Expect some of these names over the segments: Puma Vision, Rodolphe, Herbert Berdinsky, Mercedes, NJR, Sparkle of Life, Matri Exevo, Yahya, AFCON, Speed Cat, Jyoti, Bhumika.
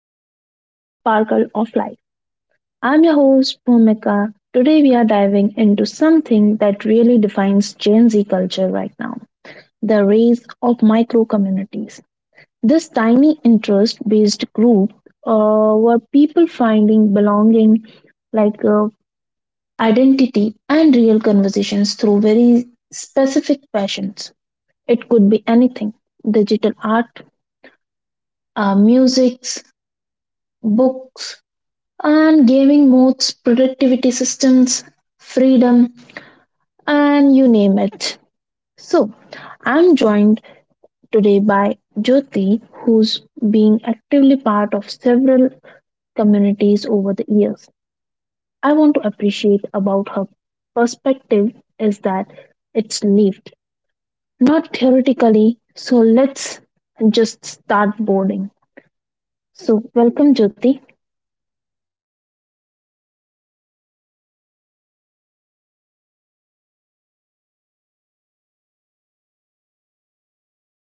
our podcast Sparkle of Life. I'm your host Bhumika. Today we are diving into something that really defines Gen Z culture right now, the rise of micro communities. This tiny interest based group where people finding belonging like uh, identity and real conversations through very specific passions. It could be anything digital art, music, books, and gaming modes, productivity systems, freedom, and you name it. So, I'm joined today by Jyoti, who's been actively part of several communities over the years. I want to appreciate about her perspective is that it's lived, not theoretically. So, let's just start boarding. So, welcome, Jyoti.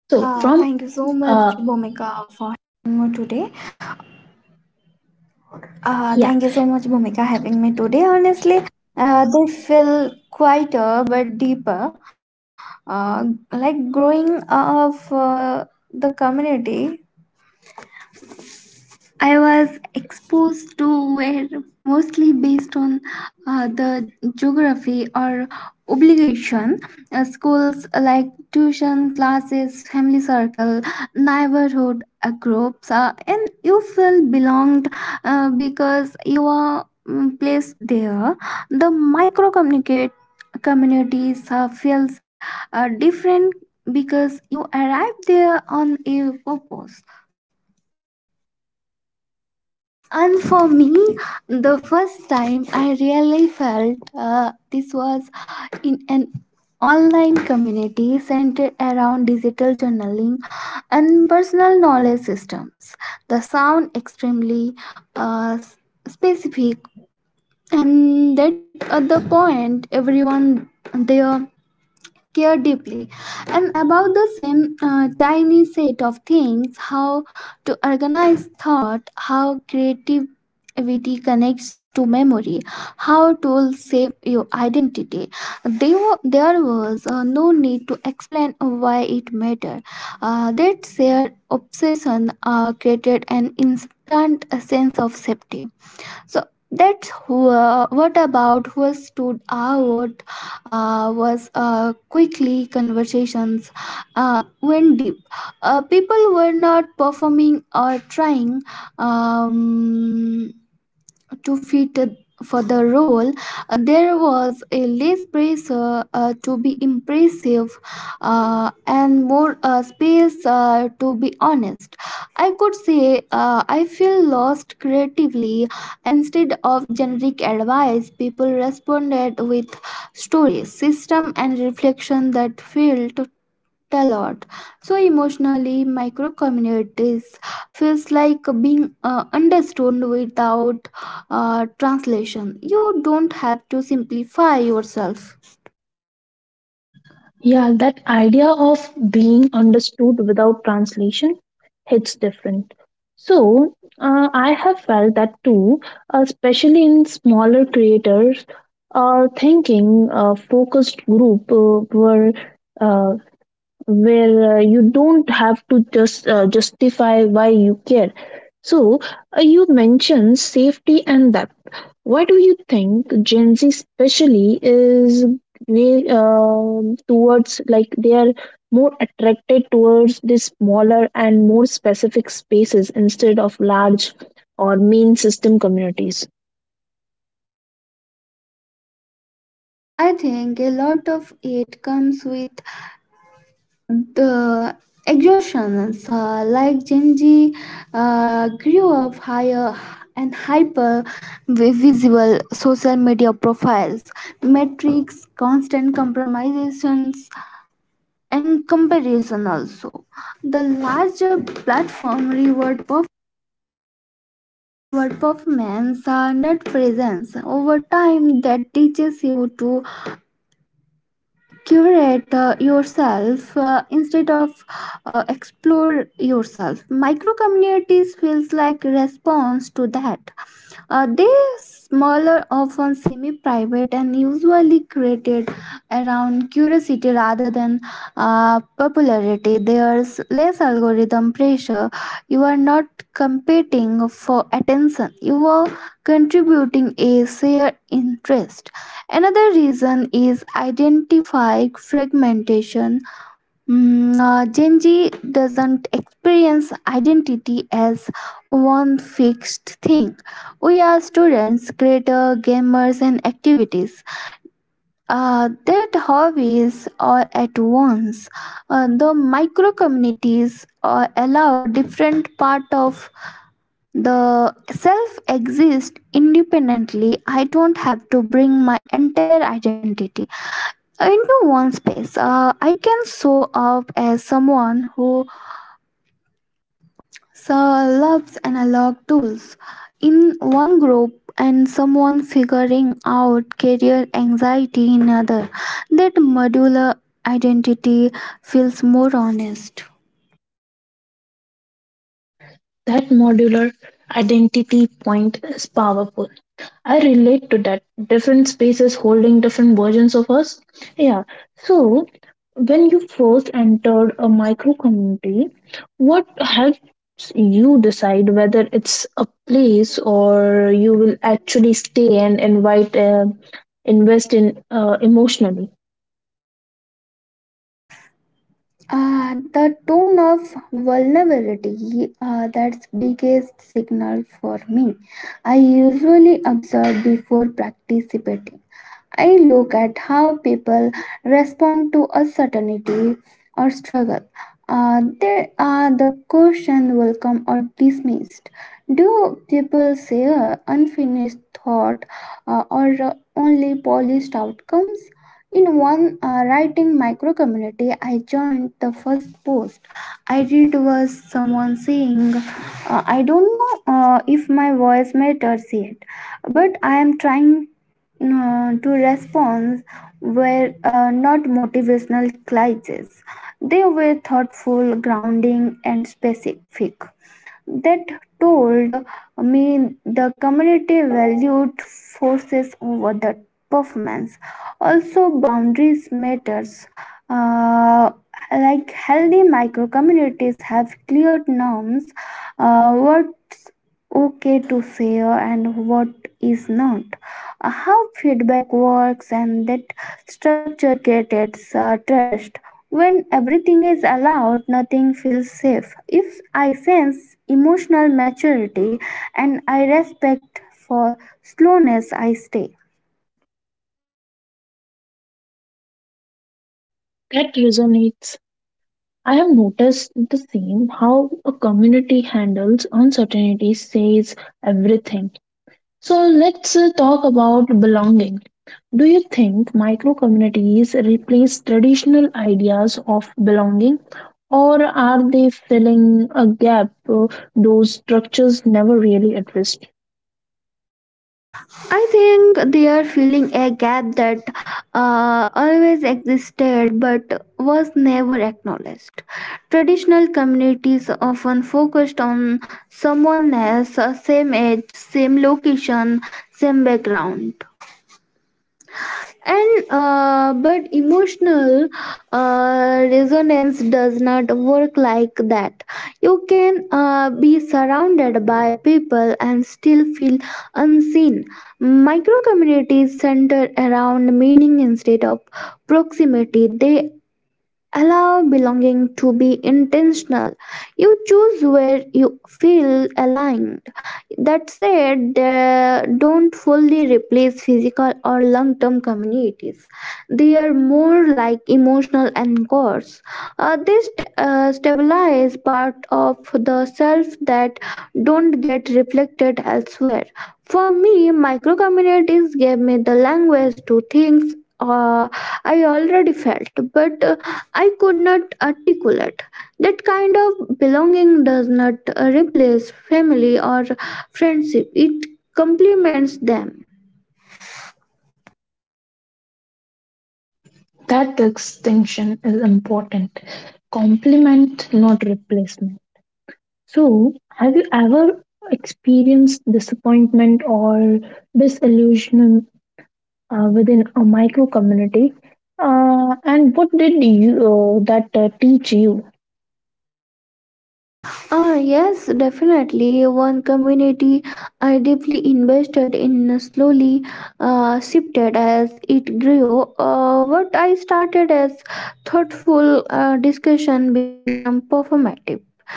So, from uh, yeah, Thank you so much, Bhumika, having me today. Honestly, they feel quieter but deeper, uh, like growing of the community. I was exposed to were mostly based on the geography or obligation. Schools like tuition classes, family circle, neighborhood groups, and you feel belonged because you are placed there. The micro communicate communities feels different because you arrive there on a purpose, and for me, the first time I really felt this was in an online community centered around digital journaling and personal knowledge systems. The sound extremely uh, s- specific, and that at the point everyone there care deeply and about the same tiny set of things. How to organize thought, how creativity connects to memory, how tools save your identity. There was no need to explain why it mattered. That shared obsession created an instant sense of safety. So what about who stood out was quickly conversations went deep. People were not performing or trying. Um, to fit for the role, there was a less pressure to be impressive and more space to be honest. I could say, I feel lost creatively. Instead of generic advice, people responded with stories, system, and reflection that felt a lot. So emotionally, micro communities feels like being understood without translation. You don't have to simplify yourself. Yeah, that idea of being understood without translation hits different. So, I have felt that too, especially in smaller creators or thinking focused group uh, where you don't have to just justify why you care. So you mentioned safety and depth. Why do you think Gen Z especially is they, uh, towards like they are more attracted towards the smaller and more specific spaces instead of large or main system communities? I think a lot of it comes with the exhaustions. Like Gen Z grew up higher and hyper visible social media profiles, metrics, constant compromisations and comparison. Also, the larger platform reward reward performance are not presence. Over time that teaches you to curate yourself instead of explore yourself. Micro communities feels like response to that, smaller, often semi private and usually created around curiosity rather than popularity. There's less algorithm pressure. You are not competing for attention, you are contributing a shared interest. Another reason is identifying fragmentation. Gen Z doesn't experience identity as one fixed thing. We are students, creators, gamers, and activities. That hobbies are at once. The micro communities allow different part of the self exists independently. I don't have to bring my entire identity into one space. I can show up as someone who so loves analog tools in one group and someone figuring out career anxiety in another. That modular identity feels more honest. That modular identity point is powerful. I relate to that. Different spaces holding different versions of us. Yeah. So, when you first entered a micro community, what helps you decide whether it's a place or you will actually stay and invite, invest in emotionally? The tone of vulnerability, that's biggest signal for me. I usually observe before participating. I look at how people respond to uncertainty or struggle. Are the question welcome or dismissed? Do people say unfinished thought, or only polished outcomes? In one writing micro community I joined, the first post I read was someone saying, "I don't know if my voice matters yet, but I am trying." To respond were not motivational cliches. They were thoughtful, grounding, and specific. That told me the community valued forces over the performance. Also boundaries matters, uh, like healthy micro communities have clear norms, what okay to share and what is not, how feedback works, and that structure creates trust. When everything is allowed, nothing feels safe. If I sense emotional maturity and I respect for slowness, I stay. That resonates. I have noticed the same how a community handles uncertainty says everything. So let's talk about belonging. Do you think micro communities replace traditional ideas of belonging, or are they filling a gap those structures never really addressed? I think they are filling a gap that always existed but was never acknowledged. Traditional communities often focused on someone else, same age, same location, same background, and but emotional resonance does not work like that. You can be surrounded by people and still feel unseen. Micro communities center around meaning instead of proximity. They allow belonging to be intentional. You choose where you feel aligned. That said, they don't fully replace physical or long term communities. They are more like emotional anchors. They stabilize part of the self that don't get reflected elsewhere. For me, micro communities gave me the language to things uh, I already felt, but I could not articulate. That kind of belonging does not replace family or friendship, it complements them. That distinction is important. Complement, not replacement. So, have you ever experienced disappointment or disillusion within a micro community and what did you that teach you. Ah, yes, definitely. One community I deeply invested in slowly shifted as it grew. What I started as thoughtful discussion became performative.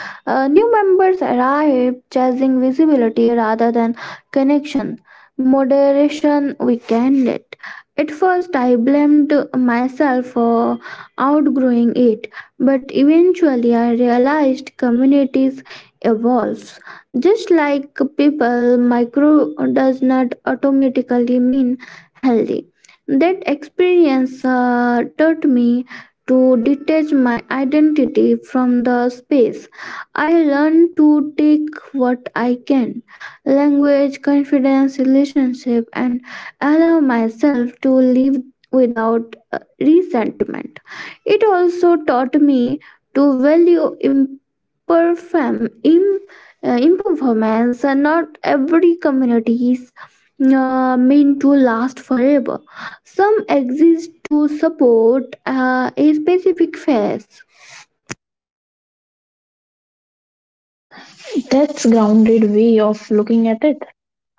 New members arrive chasing visibility rather than connection. Moderation weakened it. At first, I blamed myself for outgrowing it, but eventually, I realized communities evolves. Just like people, micro does not automatically mean healthy. That experience taught me to detach my identity from the space. I learn to take what I can: language, confidence, relationship, and allow myself to live without resentment. It also taught me to value imperformance. Not every community is meant to last forever. Some exist to support a specific phase. That's grounded way of looking at it.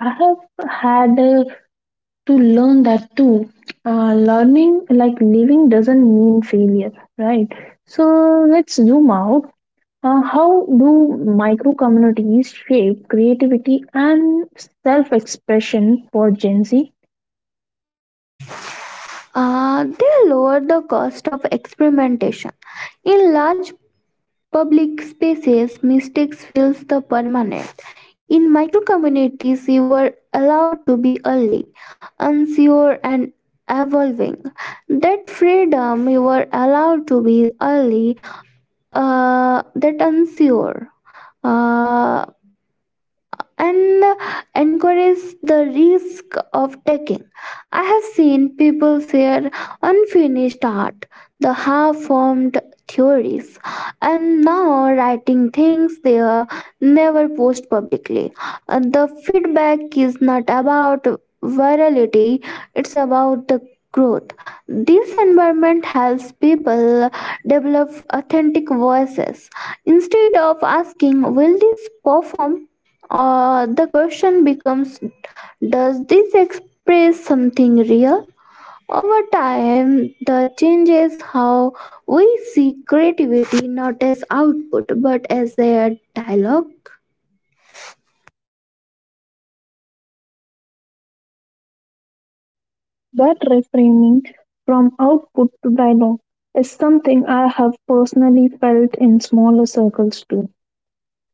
I have had to learn that too. Learning like living doesn't mean failure, right? So let's zoom out. How do micro communities shape creativity and self expression for Gen Z? They lower the cost of experimentation. In large public spaces, mistakes feels the permanent. In micro communities, you were allowed to be early, unsure, and evolving. That freedom you were allowed to be early, that unsure. Uh, and encourage the risk of taking. I have seen people share unfinished art, the half formed theories, and now writing things they never post publicly. And the feedback is not about virality, it's about the growth. This environment helps people develop authentic voices instead of asking, "Will this perform?" The question becomes, "Does this express something real?" Over time, the changes how we see creativity not as output but as a dialogue. That reframing from output to dialogue is something I have personally felt in smaller circles too.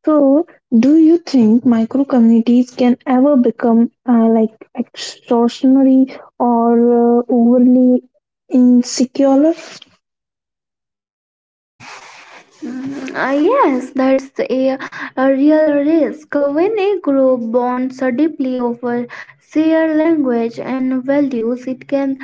So, do you think micro communities can ever become like extortionary or overly insecure? Yes, that's a, a real risk. When a group bonds deeply over shared language and values,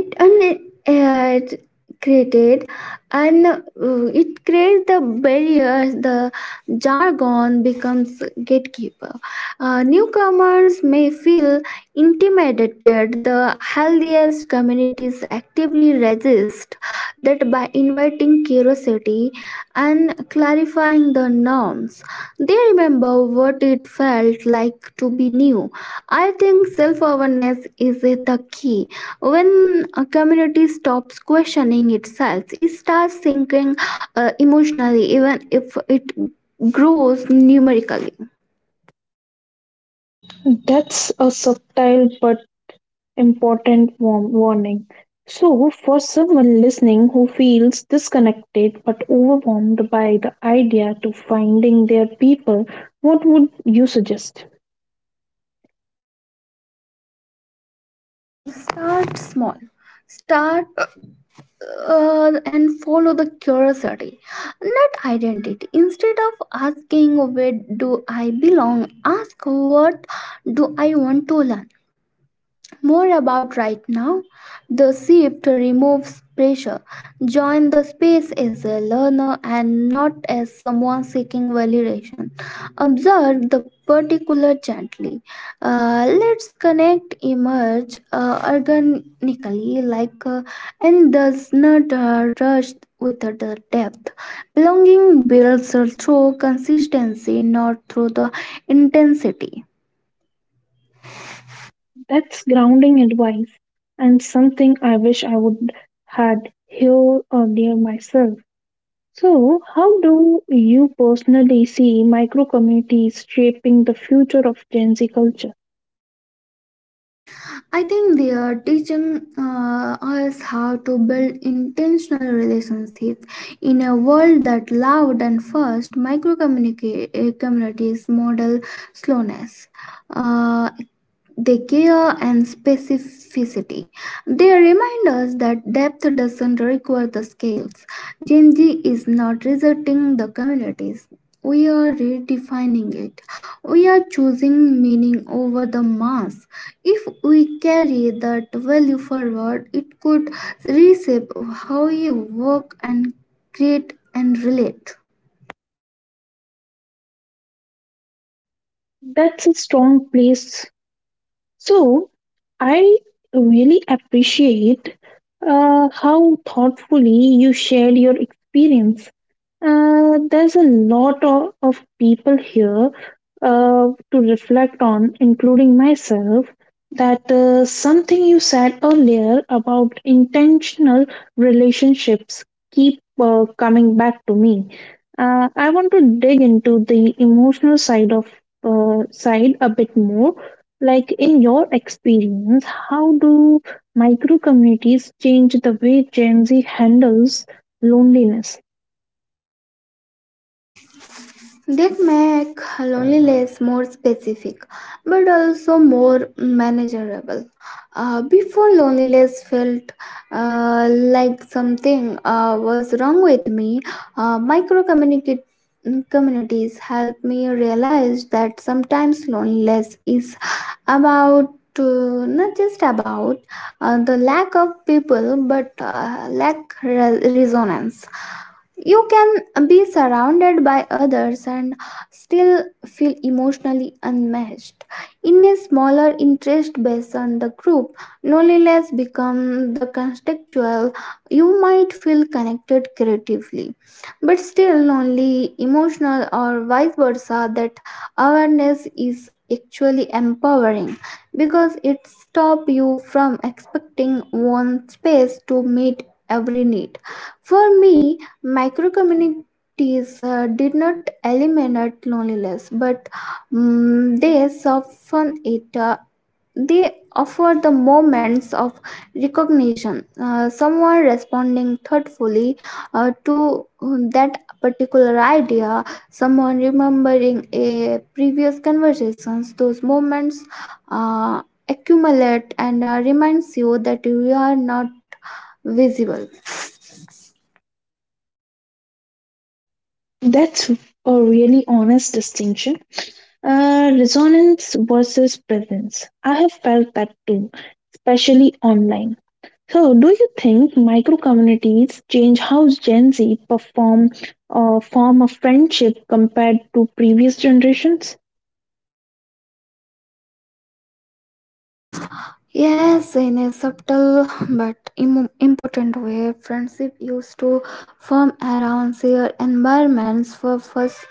it and it created and it creates the barriers. The jargon becomes gatekeeper. Newcomers may feel intimidated. The healthiest communities actively resist that by inviting curiosity and clarifying the norms. They remember what it felt like to be new. I think self-awareness is the key. When a community stops questioning itself, it starts thinking emotionally, even if it grows numerically. That's a subtle but Important warm warning. So, for someone listening who feels disconnected but overwhelmed by the idea to finding their people, what would you suggest? Start small. Start and Follow the curiosity, not identity. Instead of asking where do I belong, ask what do I want to learn more about right now. The shift removes pressure. Join the space as a learner and not as someone seeking validation. Observe the particular gently. Let's connect emerge organically, like and does not rush with the depth. Belonging builds through consistency, not through the intensity. That's grounding advice and something I wish I would had heard earlier myself. So, how do you personally see micro communities shaping the future of Gen Z culture? I think they are teaching us how to build intentional relationships in a world that loud and fast. Micro communities model slowness. Uh, they care and specificity. They remind us that depth doesn't require the scales. Gen Z is not resorting the communities. We are redefining it. We are choosing meaning over the mass. If we carry that value forward, it could reshape how we work and create and relate. That's a strong place. So I really appreciate how thoughtfully you shared your experience. There's a lot of people here to reflect on, including myself, that something you said earlier about intentional relationships keep coming back to me. I want to dig into the emotional side of side a bit more, like in your experience, how do micro communities change the way Gen Z handles loneliness? That make loneliness more specific, but also more manageable. Before loneliness felt like something was wrong with me. Micro communities help me realize that sometimes loneliness is about not just about the lack of people, but lack resonance. You can be surrounded by others and still feel emotionally unmatched. In a smaller interest based on the group, loneliness becomes the contextual. You might feel connected creatively, but still lonely, emotional, or vice versa. That awareness is actually empowering because it stops you from expecting one space to meet every need. For me, Microcommunities did not eliminate loneliness, but they soften it. They offer the moments of recognition, someone responding thoughtfully to that particular idea, someone remembering a previous conversations. Those moments accumulate and reminds you that you are not visible. That's a really honest distinction. Resonance versus presence. I have felt that too, especially online. So, do you think micro communities change how Gen Z perform or form a friendship compared to previous generations? Yes, in a subtle but important way, friendship used to form around shared environments for first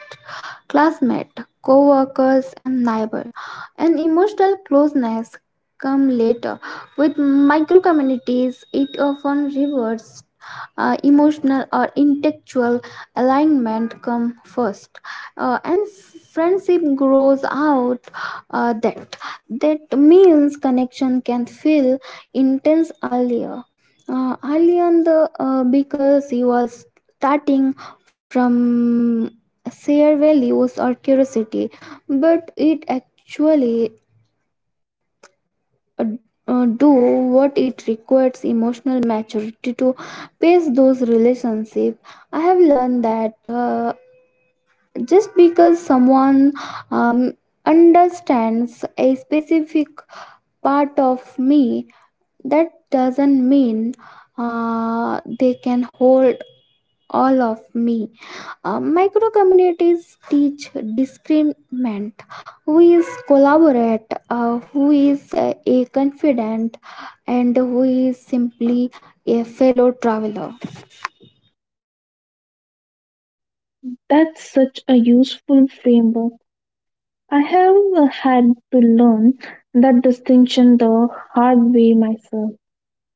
classmate, co-workers, and neighbor. And emotional closeness come later. With micro communities, it often rewards emotional or intellectual alignment come first. And friendship grows out uh, that that means connection can feel intense earlier, early on the because you are starting from shared values or curiosity. But it actually uh, do what it requires emotional maturity to pace those relationships. I have learned that just because someone um, understands a specific part of me, that doesn't mean they can hold all of me. Micro communities teach discernment. Who is collaborate? Who is a confidant? And who is simply a fellow traveler? That's such a useful framework. I have had to learn that distinction the hard way myself.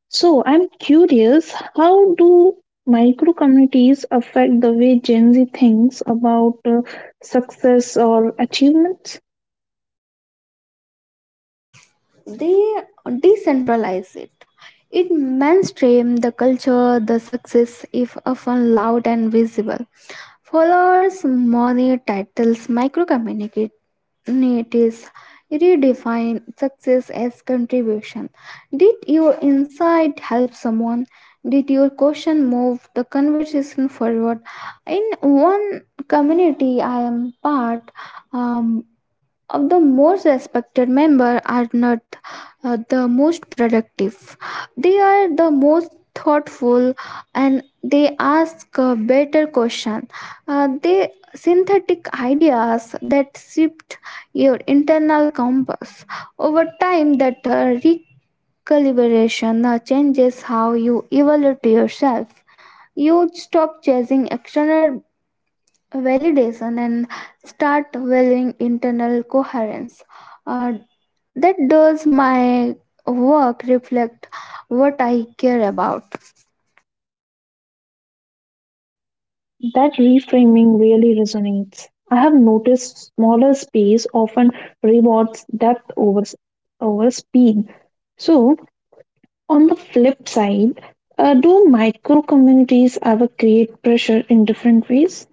So I'm curious, how do micro communities affect the way Gen Z thinks about success or achievements? They decentralize it. It mainstream the culture, the success, if often loud and visible. Followers, money, titles, micro communities redefine success as contribution. Did your insight help someone? Did your question move the conversation forward? In one community I am part, um of the most respected member are not the most productive, they are the most thoughtful, and they ask a better question. They synthetic ideas that shift your internal compass. Over time that recalibration changes how you evaluate yourself. You stop chasing external validation and start valuing internal coherence. Uh, that does my work reflect what I care about? That reframing really resonates. I have noticed smaller space often rewards depth over speed. So, on the flip side, do micro communities ever create pressure in different ways?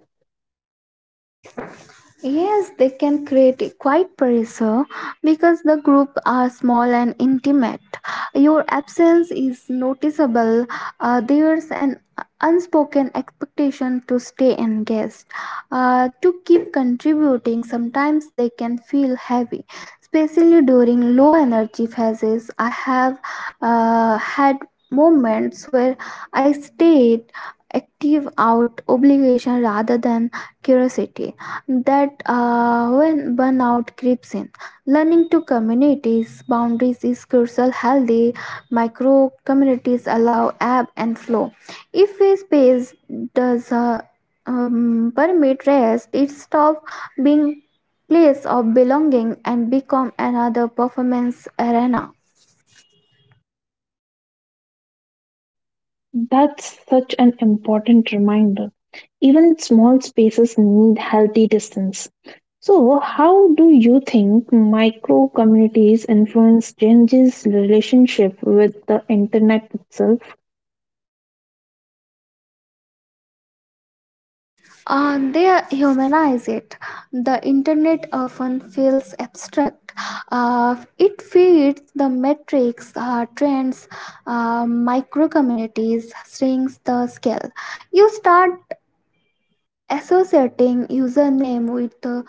Yes, they can create a quiet pressure because the group are small and intimate. Your absence is noticeable. There's an unspoken expectation to stay engaged, to keep contributing. Sometimes they can feel heavy, especially during low energy phases. I have had moments where I stayed active out obligation rather than curiosity. That when burnout creeps in, learning to communities boundaries is crucial. Healthy micro communities allow ebb and flow. If a space does permit rest, it stops being place of belonging and become another performance arena. That's such an important reminder. Even small spaces need healthy distance. So, how do you think micro communities influence Gen Z's relationship with the internet itself? They humanize it. The internet often feels abstract. It feeds the metrics, trends, micro communities, strings the scale. You start associating username with the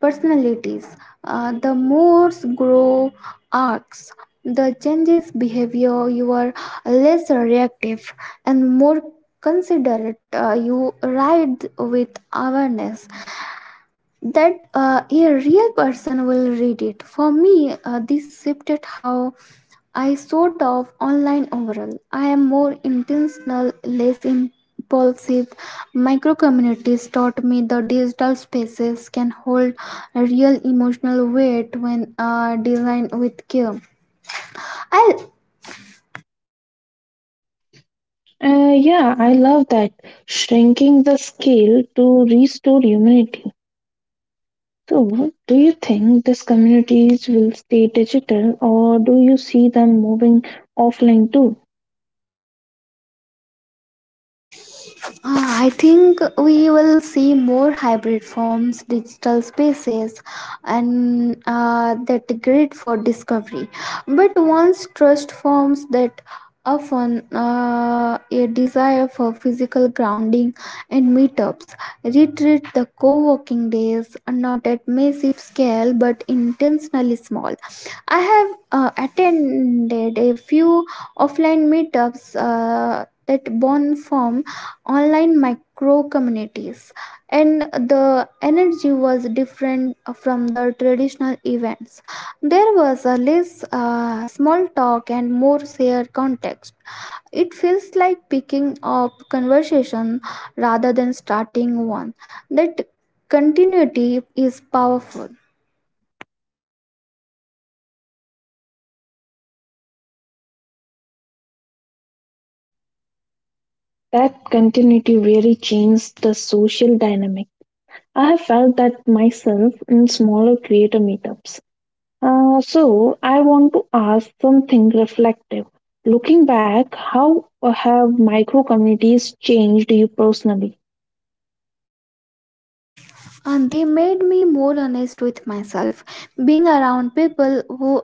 personalities. The moods grow arcs. The changes behavior. You are less reactive and more considerate. You ride with awareness that a real person will read it. For me, this shifted how I sort of online overall. I am more intentional, less impulsive. Micro communities taught me the digital spaces can hold a real emotional weight when designed with care. I. Yeah, I love that. Shrinking the scale to restore humanity. So, do you think these communities will stay digital or do you see them moving offline too? I think we will see more hybrid forms, digital spaces, and that great for discovery. But once trust forms, that often a desire for physical grounding and meetups, retreat the co-working days, not at massive scale but intentionally small. I have attended a few offline meetups that born from online micro communities, and the energy was different from the traditional events. There was a less small talk and more shared context. It feels like picking up conversation rather than starting one. That continuity is powerful. That continuity really changed the social dynamic. I have felt that myself in smaller creator meetups. So, I want to ask something reflective. Looking back, how have micro communities changed you personally? And they made me more honest with myself, being around people who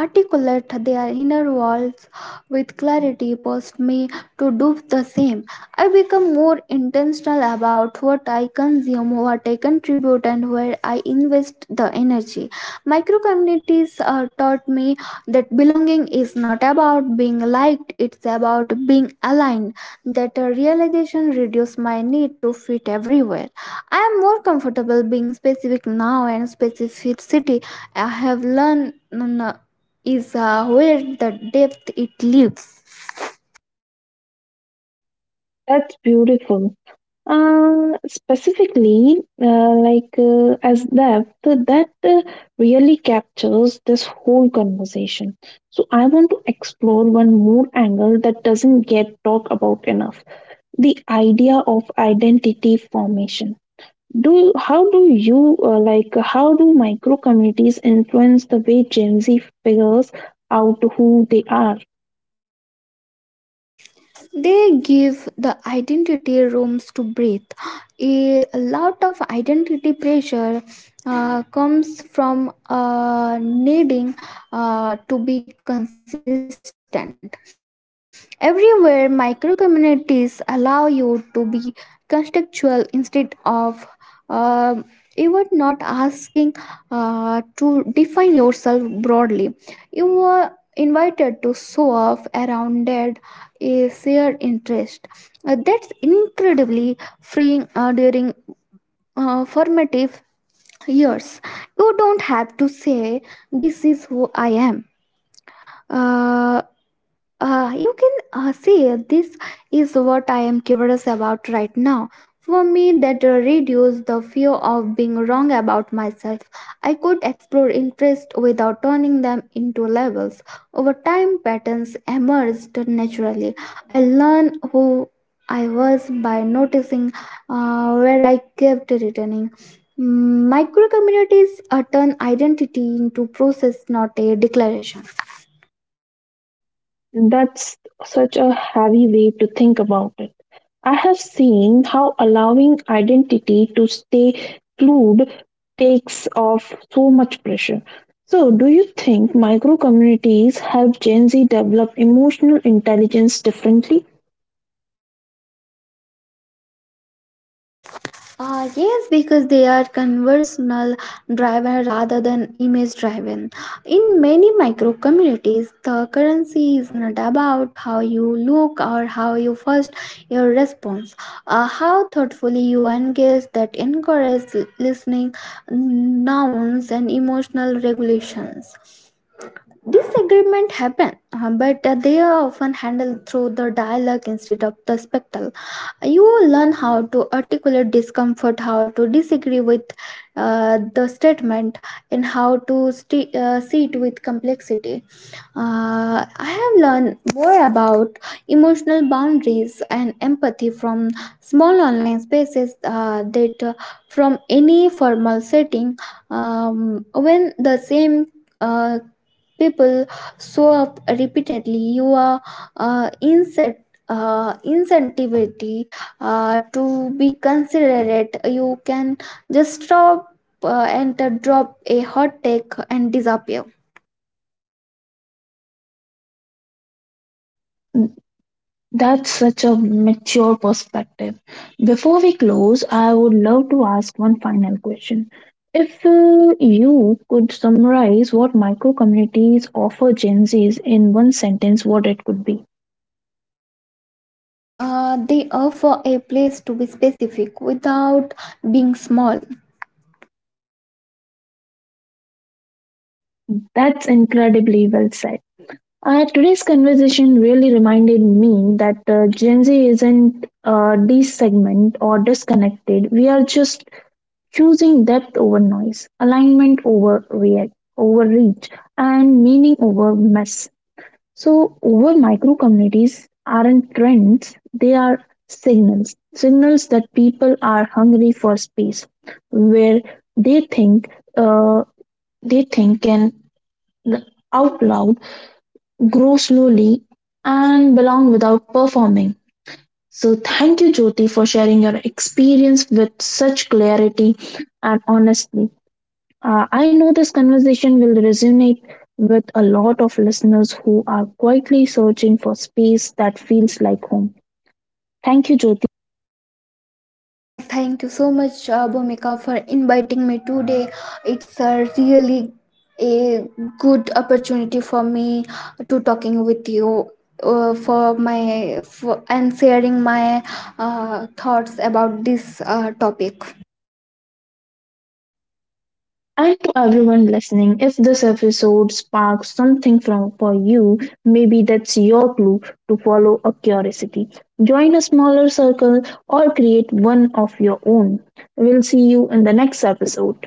articulate their inner worlds with clarity pushed me to do the same. I become more intentional about what I consume, what I contribute, and where I invest the energy. Micro communities taught me that belonging is not about being liked, it's about being aligned. That realization reduced my need to fit everywhere. I am more comfortable being specific now, and specificity, I have learned, is where the depth it lives. That's beautiful. Specifically, as depth that really captures this whole conversation. So I want to explore one more angle that doesn't get talked about enough: the idea of identity formation. Do how do you how do micro communities influence the way Gen Z figures out who they are? They give the identity rooms to breathe. A lot of identity pressure comes from needing to be consistent. Everywhere, micro communities allow you to be contextual instead of uh, you were not asking to define yourself broadly, you were invited to show off around dead a shared interest. That's incredibly freeing during formative years. You don't have to say, "This is who I am." Uh, you can say this is what I am curious about right now. For me, that reduced the fear of being wrong about myself. I could explore interests without turning them into labels. Over time, patterns emerged naturally. I learned who I was by noticing where I kept returning. Micro communities turn identity into process, not a declaration. That's such a heavy way to think about it. I have seen how allowing identity to stay fluid takes off so much pressure. So, do you think micro communities help Gen Z develop emotional intelligence differently? Yes, because they are conversational driven rather than image driven. In many micro communities, the currency is not about how you look or how you first your response, how thoughtfully you engage that encourages listening, nouns, and emotional regulations. Disagreement happen, but they are often handled through the dialogue instead of the spectacle. You learn how to articulate discomfort, how to disagree with the statement, and how to see it with complexity. I have learned more about emotional boundaries and empathy from small online spaces that from any formal setting. When the same uh, people show up repeatedly, you are uh, incent incentivity to be considerate. You can just stop and drop a hot take and disappear. That's such a mature perspective. Before we close, I would love to ask one final question. If you could summarize what micro communities offer Gen Zs in one sentence, what it could be? They offer a place to be specific without being small. That's incredibly well said. Today's conversation really reminded me that Gen Z isn't segment or disconnected. We are just choosing depth over noise, alignment over react, overreach, and meaning over mess. So, over micro communities aren't trends; they are signals. Signals that people are hungry for space, where they think uh, they think can out loud grow slowly and belong without performing. So, thank you, Jyoti, for sharing your experience with such clarity and honesty. I know this conversation will resonate with a lot of listeners who are quietly searching for space that feels like home. Thank you, Jyoti. Thank you so much, Bhumika, for inviting me today. It's a really a good opportunity for me to talking with you for my for, and sharing my thoughts about this topic. And to everyone listening, if this episode sparks something from for you, maybe that's your clue to follow a curiosity. Join a smaller circle or create one of your own. We'll see you in the next episode.